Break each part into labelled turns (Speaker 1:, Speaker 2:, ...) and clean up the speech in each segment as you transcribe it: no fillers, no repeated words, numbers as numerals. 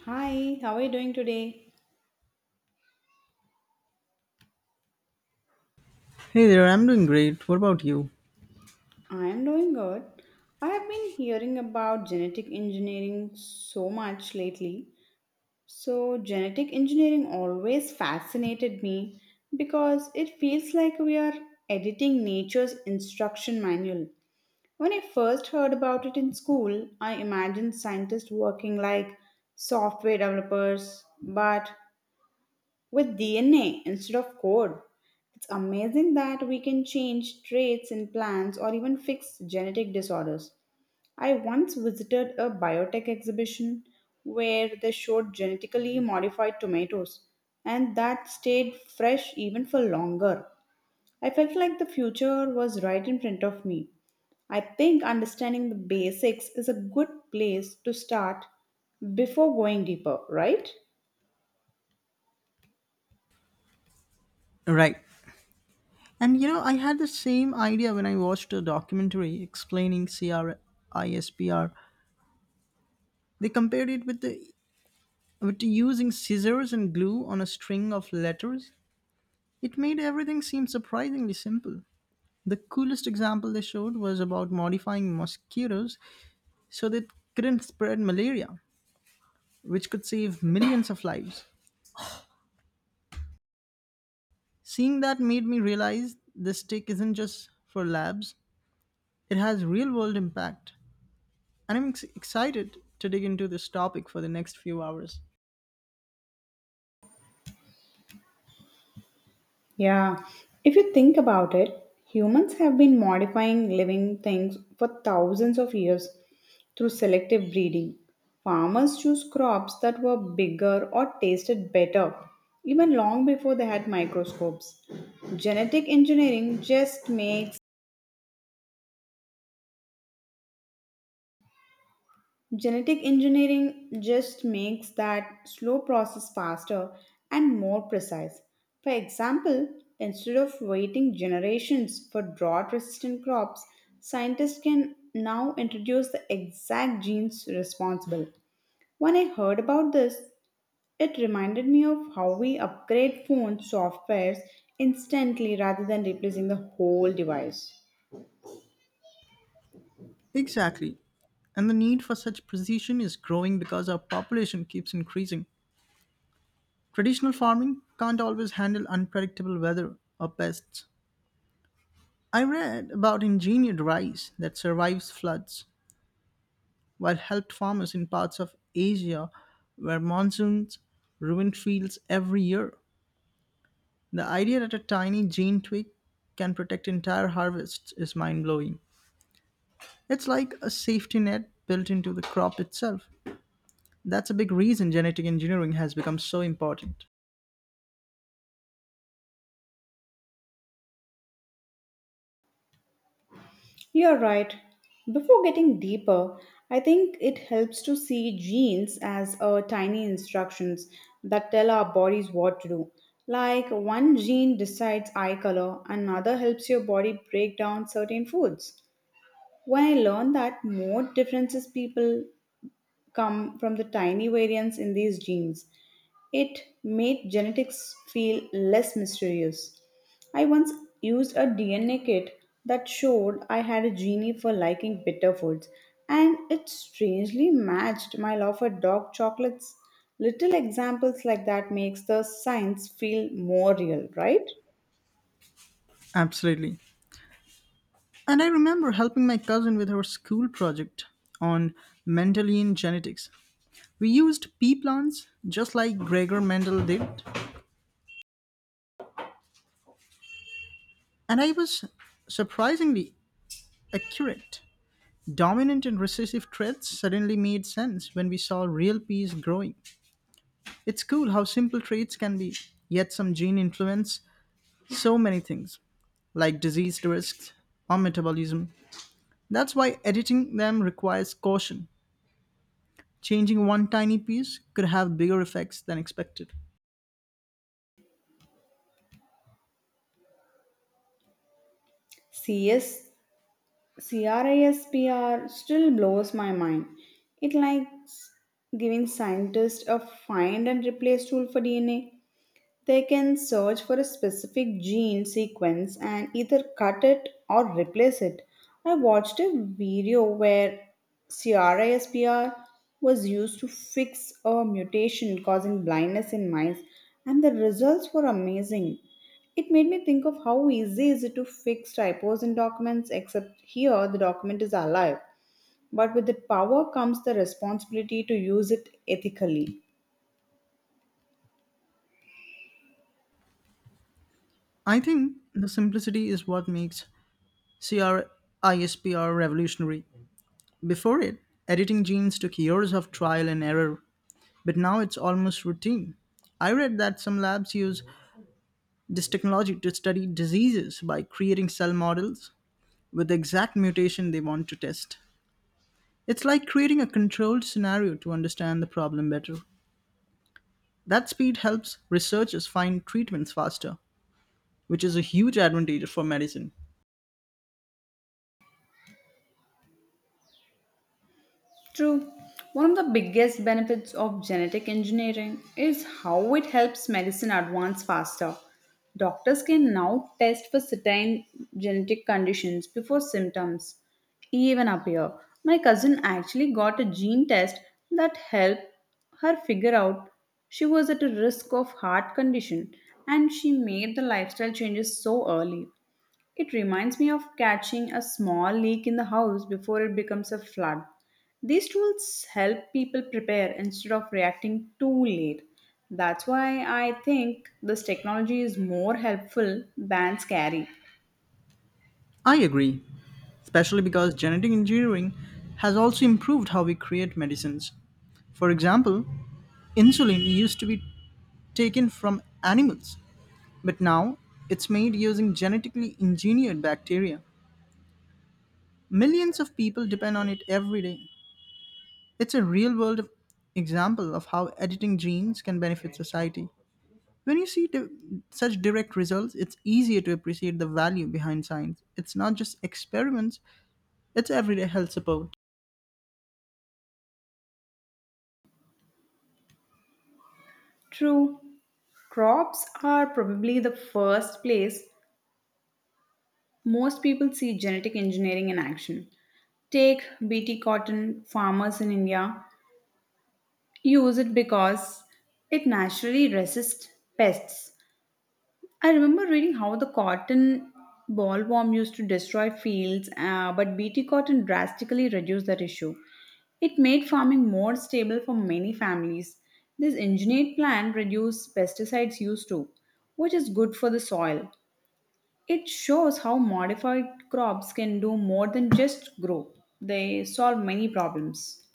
Speaker 1: Hi, how are you doing today?
Speaker 2: Hey there, I'm doing great. What about you?
Speaker 1: I am doing good. I have been hearing about genetic engineering so much lately. So, genetic engineering always fascinated me because it feels like we are editing nature's instruction manual. When I first heard about it in school, I imagined scientists working like software developers, but with DNA instead of code. It's amazing that we can change traits in plants or even fix genetic disorders. I once visited a biotech exhibition where they showed genetically modified tomatoes, and that stayed fresh even for longer. I felt like the future was right in front of me. I think understanding the basics is a good place to start before going deeper, right?
Speaker 2: Right. And you know, I had the same idea when I watched a documentary explaining CRISPR. They compared it with the with using scissors and glue on a string of letters. It made everything seem surprisingly simple. The coolest example they showed was about modifying mosquitoes so they couldn't spread malaria, which could save millions of lives. Seeing that made me realize this tech isn't just for labs, it has real world impact. And excited to dig into this topic for the next few hours.
Speaker 1: Yeah, if you think about it, humans have been modifying living things for thousands of years through selective breeding. Farmers choose crops that were bigger or tasted better, even long before they had microscopes. Genetic engineering just makes Genetic engineering just makes that slow process faster and more precise. For example, instead of waiting generations for drought resistant crops, scientists can now introduce the exact genes responsible. When I heard about this, it reminded me of how we upgrade phone softwares instantly rather than replacing the whole device.
Speaker 2: Exactly. And the need for such precision is growing because our population keeps increasing. Traditional farming can't always handle unpredictable weather or pests. I read about engineered rice that survives floods, while helped farmers in parts of Asia where monsoons ruin fields every year. The idea that a tiny gene tweak can protect entire harvests is mind blowing. It's like a safety net built into the crop itself. That's a big reason genetic engineering has become so important.
Speaker 1: You're right. Before getting deeper, I think it helps to see genes as tiny instructions that tell our bodies what to do. Like one gene decides eye color, another helps your body break down certain foods. When I learned that more differences people come from the tiny variants in these genes. It made genetics feel less mysterious. I once used a DNA kit that showed I had a genie for liking bitter foods, and it strangely matched my love for dark chocolates. Little examples like that makes the science feel more real, right?
Speaker 2: Absolutely. And I remember helping my cousin with her school project on Mendelian genetics. We used pea plants just like Gregor Mendel did, and I was surprisingly accurate. Dominant and recessive traits suddenly made sense when we saw real peas growing. It's cool how simple traits can be, yet some gene influence so many things, like disease risks or metabolism. That's why editing them requires caution. Changing one tiny piece could have bigger effects than expected.
Speaker 1: CS CRISPR still blows my mind. It likes giving scientists a find and replace tool for DNA. They can search for a specific gene sequence and either cut it or replace it. I watched a video where CRISPR was used to fix a mutation causing blindness in mice, and the results were amazing. It made me think of how easy is it to fix typos in documents, except here the document is alive. But with the power comes the responsibility to use it ethically.
Speaker 2: I think the simplicity is what makes CRISPR revolutionary. Before it, editing genes took years of trial and error, but now it's almost routine. I read that some labs use this technology to study diseases by creating cell models with the exact mutation they want to test. It's like creating a controlled scenario to understand the problem better. That speed helps researchers find treatments faster, which is a huge advantage for medicine.
Speaker 1: True. One of the biggest benefits of genetic engineering is how it helps medicine advance faster. Doctors can now test for certain genetic conditions before symptoms even appear. My cousin actually got a gene test that helped her figure out she was at a risk of heart condition and she made the lifestyle changes so early. It reminds me of catching a small leak in the house before it becomes a flood. These tools help people prepare instead of reacting too late. That's why I think this technology is more helpful than scary.
Speaker 2: I agree, especially because genetic engineering has also improved how we create medicines. For example, insulin used to be taken from animals, but now it's made using genetically engineered bacteria. Millions of people depend on it every day. It's a real world example of how editing genes can benefit society. When you see such direct results, it's easier to appreciate the value behind science. It's not just experiments, it's everyday health support.
Speaker 1: True, crops are probably the first place most people see genetic engineering in action. Take BT cotton farmers in India use it because it naturally resists pests. I remember reading how the cotton bollworm used to destroy fields, but BT cotton drastically reduced that issue. It made farming more stable for many families. This engineered plant reduced pesticides used too, which is good for the soil. It shows how modified crops can do more than just grow, they solve many problems.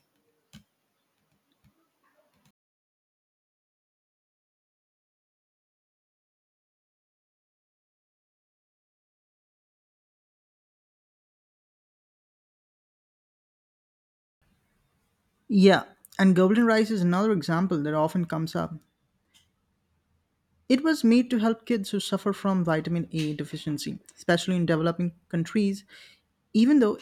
Speaker 2: Yeah, and golden rice is another example that often comes up. It was made to help kids who suffer from vitamin A deficiency, especially in developing countries, even though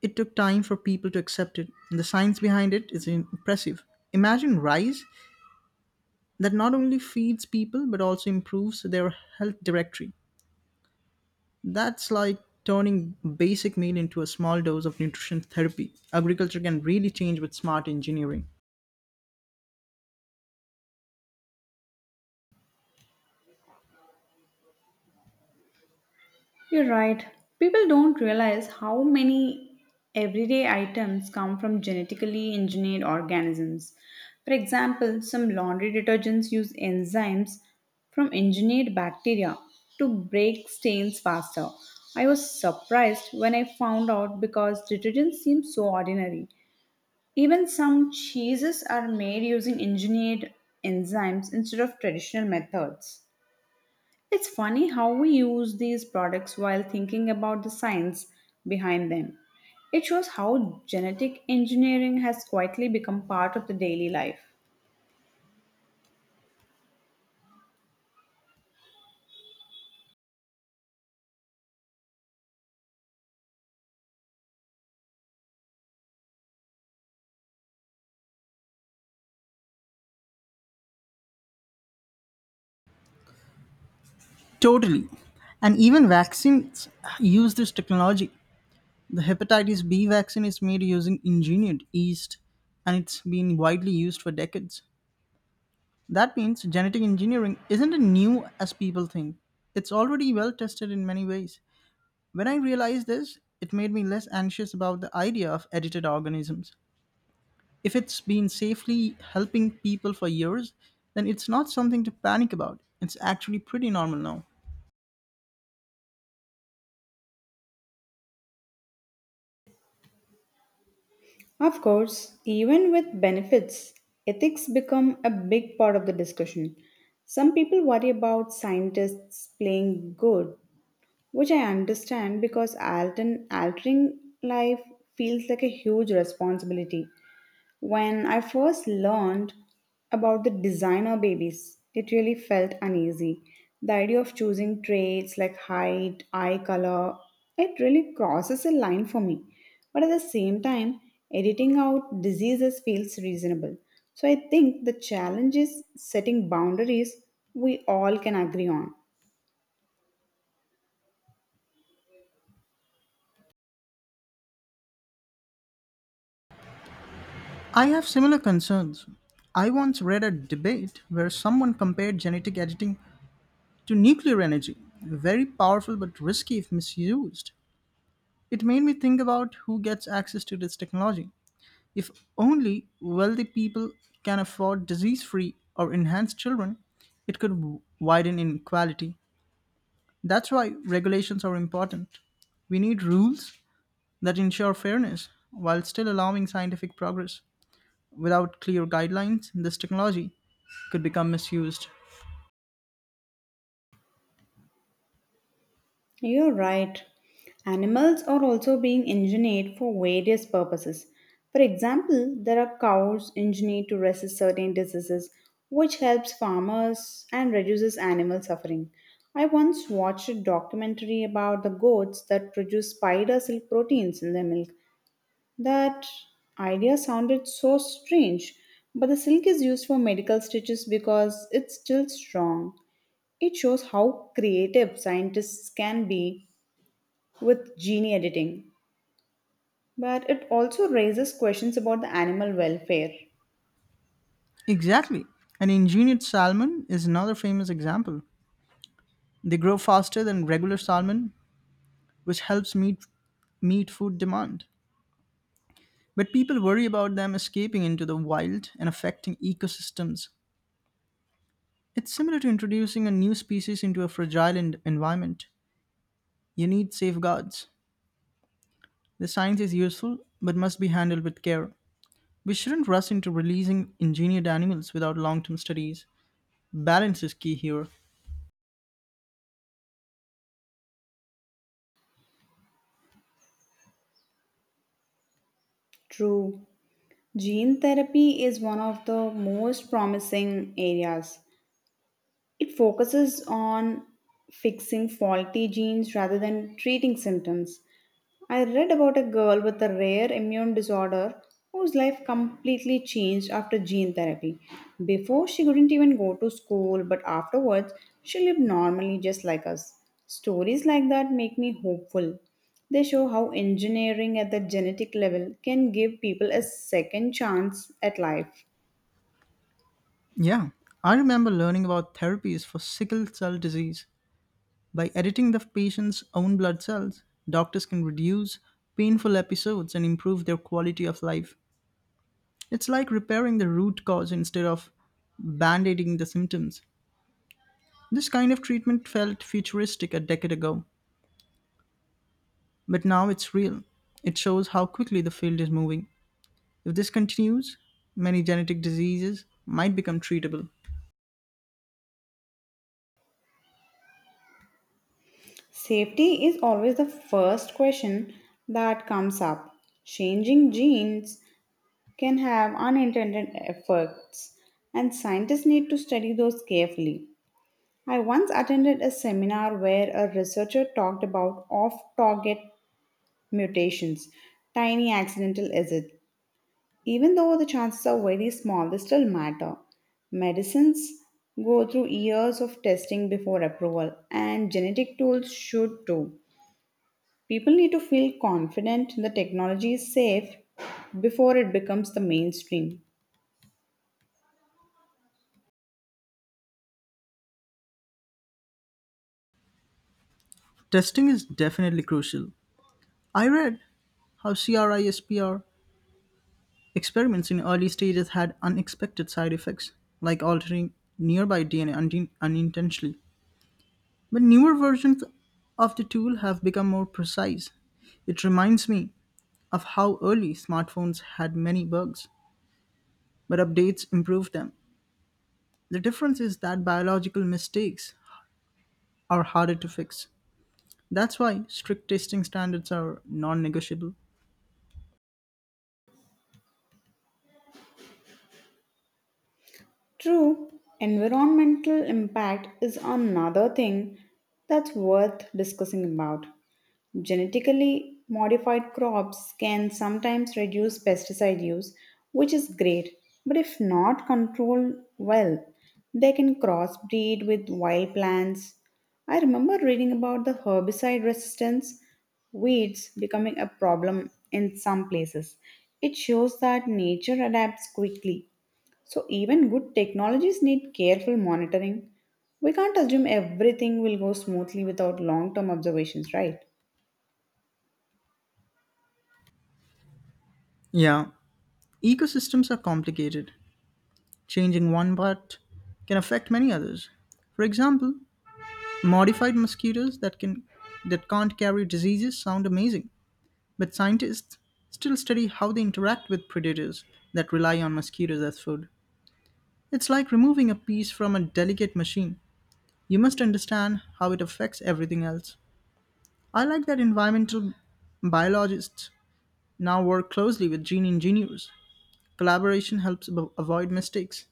Speaker 2: it took time for people to accept it. The science behind it is impressive. Imagine rice that not only feeds people but also improves their health directly. That's like turning basic meal into a small dose of nutrition therapy. Agriculture can really change with smart engineering.
Speaker 1: You're right. People don't realize how many everyday items come from genetically engineered organisms. For example, some laundry detergents use enzymes from engineered bacteria to break stains faster. I was surprised when I found out because detergents seem so ordinary. Even some cheeses are made using engineered enzymes instead of traditional methods. It's funny how we use these products while thinking about the science behind them. It shows how genetic engineering has quietly become part of the daily life.
Speaker 2: Totally. And even vaccines use this technology. The hepatitis B vaccine is made using engineered yeast and it's been widely used for decades. That means genetic engineering isn't as new as people think. It's already well tested in many ways. When I realized this, it made me less anxious about the idea of edited organisms. If it's been safely helping people for years, then it's not something to panic about. It's actually pretty normal now.
Speaker 1: Of course, even with benefits, ethics become a big part of the discussion. Some people worry about scientists playing good which I understand because Alton altering life feels like a huge responsibility. When I first learned about the designer babies, it really felt uneasy. The idea of choosing traits like height, eye color, it really crosses a line for me. But at the same time, editing out diseases feels reasonable. So I think the challenge is setting boundaries we all can agree on.
Speaker 2: I have similar concerns. I once read a debate where someone compared genetic editing to nuclear energy, very powerful but risky if misused. It made me think about who gets access to this technology. If only wealthy people can afford disease free or enhanced children, it could widen inequality. That's why regulations are important. We need rules that ensure fairness while still allowing scientific progress. Without clear guidelines, this technology could become misused.
Speaker 1: You're right. Animals are also being engineered for various purposes. For example, there are cows engineered to resist certain diseases, which helps farmers and reduces animal suffering. I once watched a documentary about the goats that produce spider silk proteins in their milk. That idea sounded so strange, but the silk is used for medical stitches because it's still strong. It shows how creative scientists can be with gene editing, but it also raises questions about the animal welfare.
Speaker 2: Exactly. An engineered salmon is another famous example. They grow faster than regular salmon, which helps meet food demand. But people worry about them escaping into the wild and affecting ecosystems. It's similar to introducing a new species into a fragile environment. You need safeguards. The science is useful but must be handled with care. We shouldn't rush into releasing engineered animals without long term studies. Balance is key here.
Speaker 1: True. Gene therapy is one of the most promising areas. It focuses on fixing faulty genes rather than treating symptoms. I read about a girl with a rare immune disorder whose life completely changed after gene therapy. Before, she couldn't even go to school, but afterwards, she lived normally just like us. Stories like that make me hopeful. They show how engineering at the genetic level can give people a second chance at life.
Speaker 2: Yeah, I remember learning about therapies for sickle cell disease. By editing the patient's own blood cells, doctors can reduce painful episodes and improve their quality of life. It's like repairing the root cause instead of band aiding the symptoms. This kind of treatment felt futuristic a decade ago. But now it's real. It shows how quickly the field is moving. If this continues, many genetic diseases might become treatable.
Speaker 1: Safety is always the first question that comes up. Changing genes can have unintended effects, and scientists need to study those carefully. I once attended a seminar where a researcher talked about off target mutations, tiny accidental exits. Even though the chances are very small, they still matter. Medicines go through years of testing before approval, and genetic tools should too. People need to feel confident the technology is safe before it becomes the mainstream.
Speaker 2: Testing is definitely crucial. I read how CRISPR experiments in early stages had unexpected side effects, like altering nearby DNA unintentionally. But newer versions of the tool have become more precise. It reminds me of how early smartphones had many bugs, but updates improved them. The difference is that biological mistakes are harder to fix. That's why strict testing standards are non negotiable.
Speaker 1: True, environmental impact is another thing that's worth discussing about. Genetically modified crops can sometimes reduce pesticide use, which is great, but if not controlled well, they can crossbreed with wild plants. I remember reading about the herbicide resistance weeds becoming a problem in some places. It shows that nature adapts quickly so, even good technologies need careful monitoring. We can't assume everything will go smoothly without long term observations, right?
Speaker 2: Yeah, ecosystems are complicated. Changing one part can affect many others. For example, modified mosquitoes that can't carry diseases sound amazing, but scientists still study how they interact with predators that rely on mosquitoes as food. It's like removing a piece from a delicate machine. You must understand how it affects everything else. I like that environmental biologists now work closely with gene engineers. Collaboration helps avoid mistakes.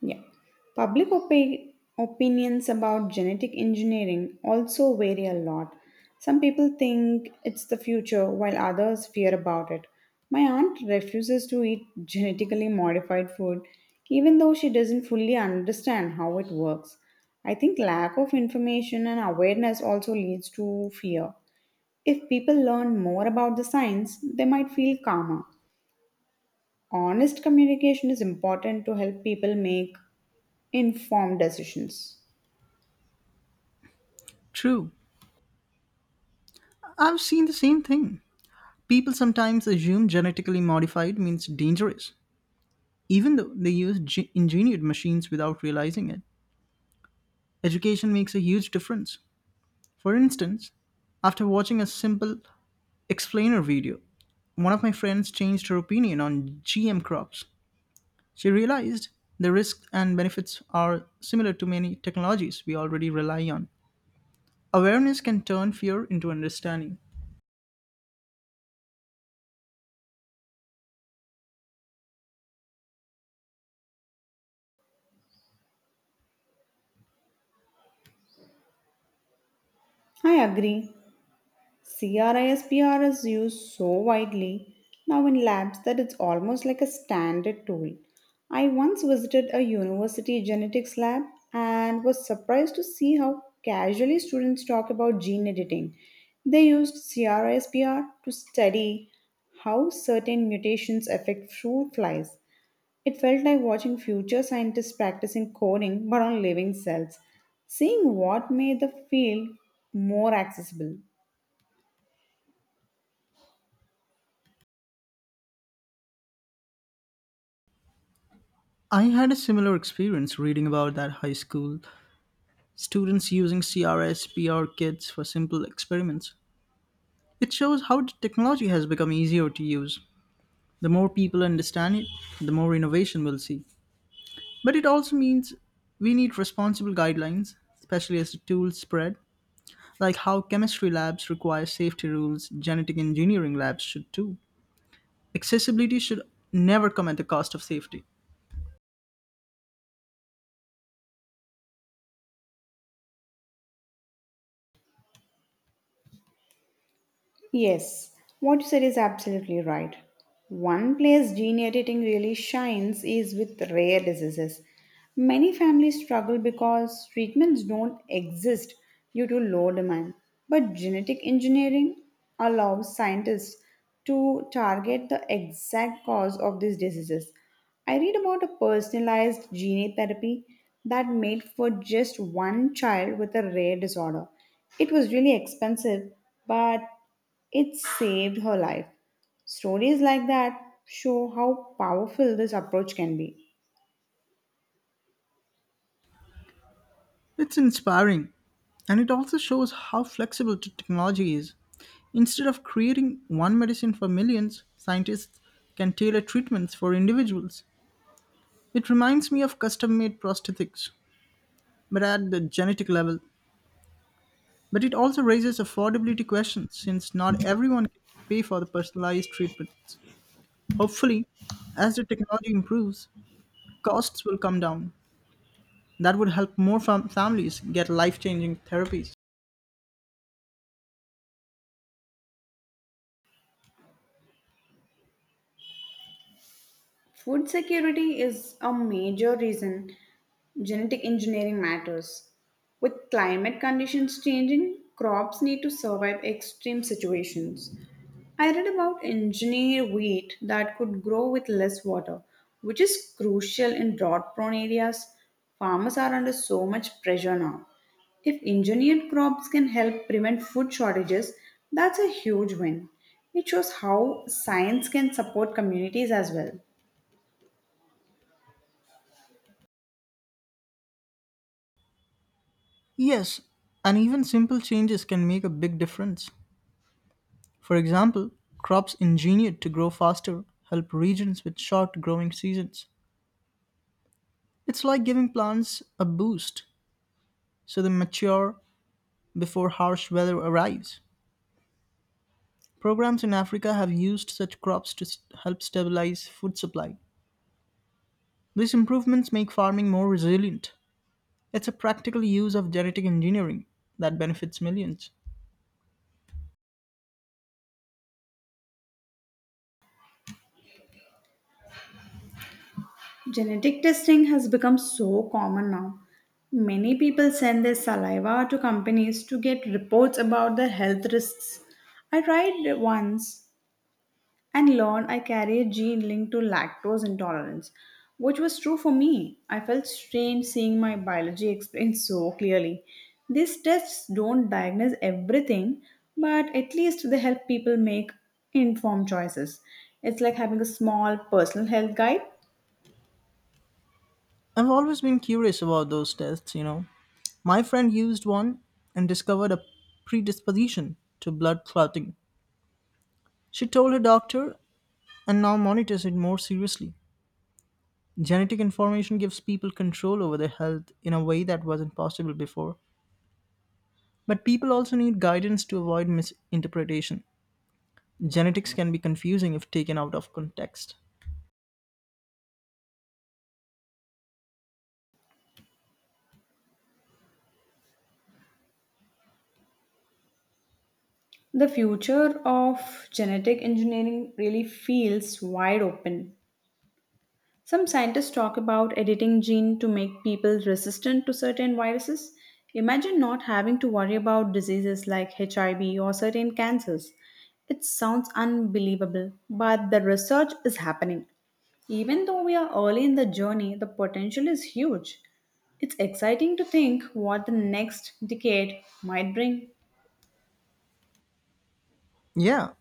Speaker 1: Yeah. Public opinions about genetic engineering also vary a lot. Some people think it's the future, while others fear about it. My aunt refuses to eat genetically modified food, even though she doesn't fully understand how it works. I think lack of information and awareness also leads to fear. If people learn more about the science, they might feel calmer. Honest communication is important to help people make informed decisions.
Speaker 2: True, I've seen the same thing. People sometimes assume genetically modified means dangerous, even though they use engineered machines without realizing it. Education makes a huge difference. For instance, after watching a simple explainer video, one of my friends changed her opinion on GM crops. She realized the risks and benefits are similar to many technologies we already rely on. Awareness can turn fear into understanding.
Speaker 1: I agree. CRISPR is used so widely now in labs that it's almost like a standard tool. I once visited a university genetics lab and was surprised to see how casually students talk about gene editing. They used CRISPR to study how certain mutations affect fruit flies. It felt like watching future scientists practicing coding but on living cells, seeing what made the field more accessible.
Speaker 2: I had a similar experience reading about that high school students using CRS kits for simple experiments. It shows how the technology has become easier to use. The more people understand it, the more innovation we'll see. But it also means we need responsible guidelines, especially as the tools spread, like how chemistry labs require safety rules, genetic engineering labs should too. Accessibility should never come at the cost of safety.
Speaker 1: Yes, what you said is absolutely right. One place gene editing really shines is with rare diseases. Many families struggle because treatments don't exist due to low demand. But genetic engineering allows scientists to target the exact cause of these diseases. I read about a personalized gene therapy that made for just one child with a rare disorder. It was really expensive, but it saved her life. Stories like that show how powerful this approach can be.
Speaker 2: It's inspiring, and it also shows how flexible technology is. Instead of creating one medicine for millions, scientists can tailor treatments for individuals. It reminds me of custom made prosthetics, but at the genetic level. But it also raises affordability questions since not everyone can pay for the personalized treatments. Hopefully, as the technology improves, costs will come down. That would help more families get life changing therapies.
Speaker 1: Food security is a major reason genetic engineering matters. With climate conditions changing, crops need to survive extreme situations. I read about engineered wheat that could grow with less water, which is crucial in drought prone areas. Farmers are under so much pressure now. If engineered crops can help prevent food shortages, that's a huge win. It shows how science can support communities as well.
Speaker 2: Yes, and even simple changes can make a big difference. For example, crops engineered to grow faster help regions with short growing seasons. It's like giving plants a boost so they mature before harsh weather arrives. Programs in Africa have used such crops to help stabilize food supply. These improvements make farming more resilient. It's a practical use of genetic engineering that benefits millions.
Speaker 1: Genetic testing has become so common now. Many people send their saliva to companies to get reports about their health risks. I tried it once and learned I carry a gene linked to lactose intolerance, which was true for me. I felt strange seeing my biology explained so clearly. These tests don't diagnose everything, but at least they help people make informed choices. It's like having a small personal health guide.
Speaker 2: I've always been curious about those tests, you know. My friend used one and discovered a predisposition to blood clotting. She told her doctor and now monitors it more seriously. Genetic information gives people control over their health in a way that wasn't possible before. But people also need guidance to avoid misinterpretation. Genetics can be confusing if taken out of context.
Speaker 1: The future of genetic engineering really feels wide open. Some scientists talk about editing gene to make people resistant to certain viruses. Imagine not having to worry about diseases like HIV or certain cancers. It sounds unbelievable, but the research is happening. Even though we are early in the journey, the potential is huge. It's exciting to think what the next decade might bring.
Speaker 2: Yeah,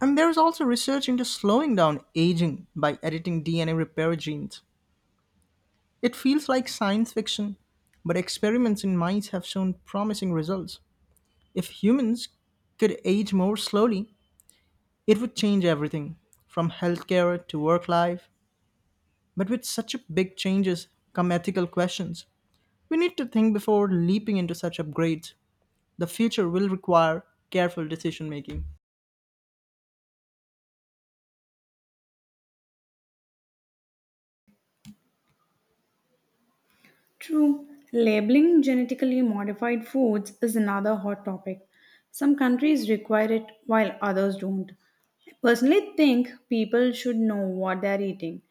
Speaker 2: and there's also research into slowing down aging by editing DNA repair genes. It feels like science fiction, but experiments in mice have shown promising results. If humans could age more slowly, it would change everything, from healthcare to work life. But with such a big changes come ethical questions. We need to think before leaping into such upgrades. The future will require careful decision making.
Speaker 1: True, labeling genetically modified foods is another hot topic. Some countries require it while others don't. I personally think people should know what they're eating,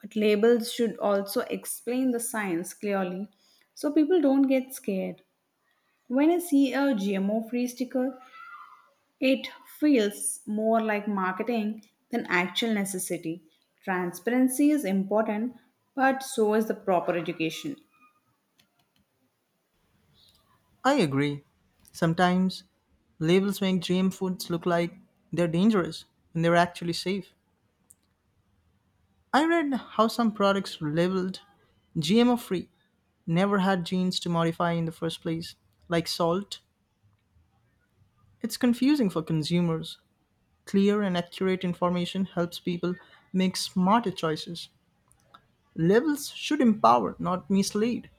Speaker 1: but labels should also explain the science clearly so people don't get scared. When I see a GMO free sticker, it feels more like marketing than actual necessity. Transparency is important, but so is the proper education.
Speaker 2: I agree. Sometimes labels make GM foods look like they're dangerous when they're actually safe. I read how some products labeled GMO free never had genes to modify in the first place, like salt. It's confusing for consumers. Clear and accurate information helps people make smarter choices. Labels should empower, not mislead.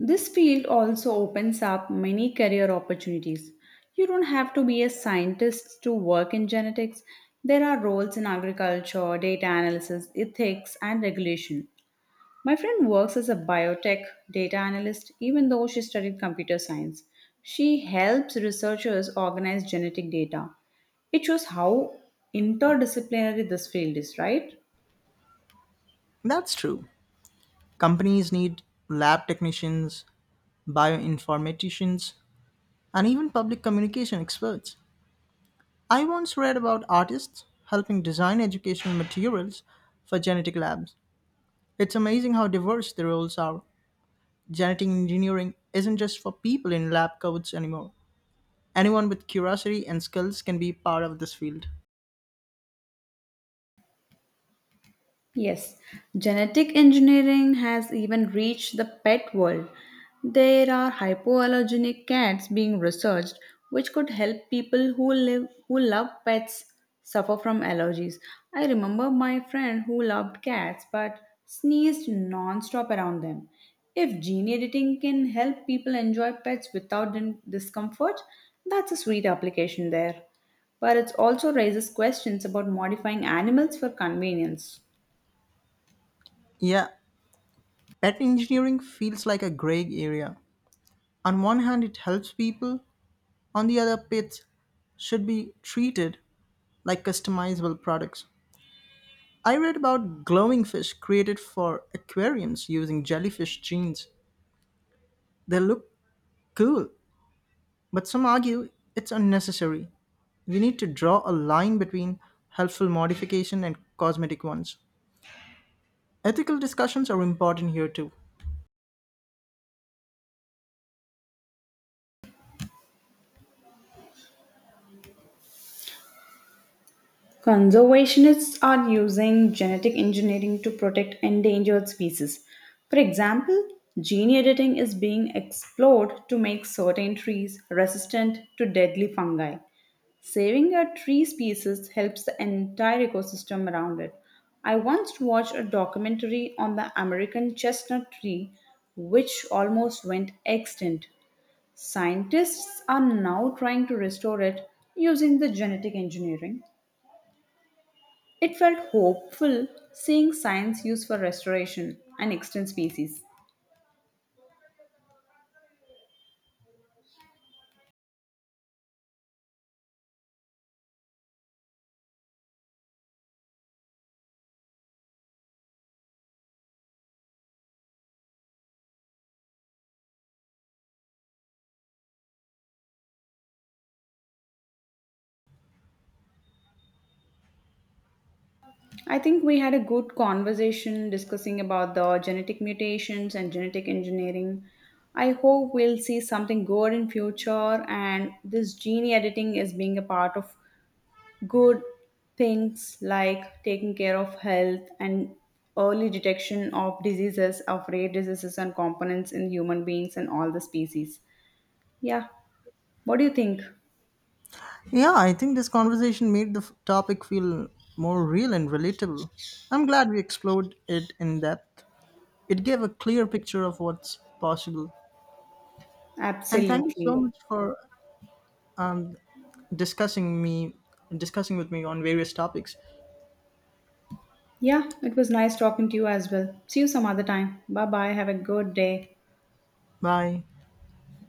Speaker 1: This field also opens up many career opportunities. You don't have to be a scientist to work in genetics. There are roles in agriculture, data analysis, ethics, and regulation. My friend works as a biotech data analyst, even though she studied computer science. She helps researchers organize genetic data. It shows how interdisciplinary this field is, right?
Speaker 2: That's true. Companies need lab technicians, bioinformaticians, and even public communication experts. I once read about artists helping design educational materials for genetic labs. It's amazing how diverse the roles are. Genetic engineering isn't just for people in lab coats anymore. Anyone with curiosity and skills can be part of this field.
Speaker 1: Yes, genetic engineering has even reached the pet world. There are hypoallergenic cats being researched which could help people who love pets suffer from allergies. I remember my friend who loved cats but sneezed non-stop around them. If gene editing can help people enjoy pets without discomfort, that's a sweet application there. But it also raises questions about modifying animals for convenience.
Speaker 2: Yeah, pet engineering feels like a gray area. On one hand, it helps people, on the other, pets should be treated like customizable products. I read about glowing fish created for aquariums using jellyfish genes. They look cool, but some argue it's unnecessary. We need to draw a line between helpful modification and cosmetic ones. Ethical discussions are important here too.
Speaker 1: Conservationists are using genetic engineering to protect endangered species. For example, gene editing is being explored to make certain trees resistant to deadly fungi. Saving a tree species helps the entire ecosystem around it. I once watched a documentary on the American chestnut tree, which almost went extinct. Scientists are now trying to restore it using the genetic engineering. It felt hopeful seeing science used for restoration and extinct species. I think we had a good conversation discussing about the genetic mutations and genetic engineering. I hope we'll see something good in future and this gene editing is being a part of good things like taking care of health and early detection of diseases of rare diseases and components in human beings and all the species. Yeah. What do you think?
Speaker 2: Yeah, I think this conversation made the topic feel more real and relatable. I'm glad we explored it in depth. It gave a clear picture of what's possible. And thank you so
Speaker 1: Absolutely.
Speaker 2: much for um, discussing me discussing with me on various topics.
Speaker 1: Yeah, it was nice talking to you as well. See you some other time. Bye bye. Have a good day.
Speaker 2: Bye.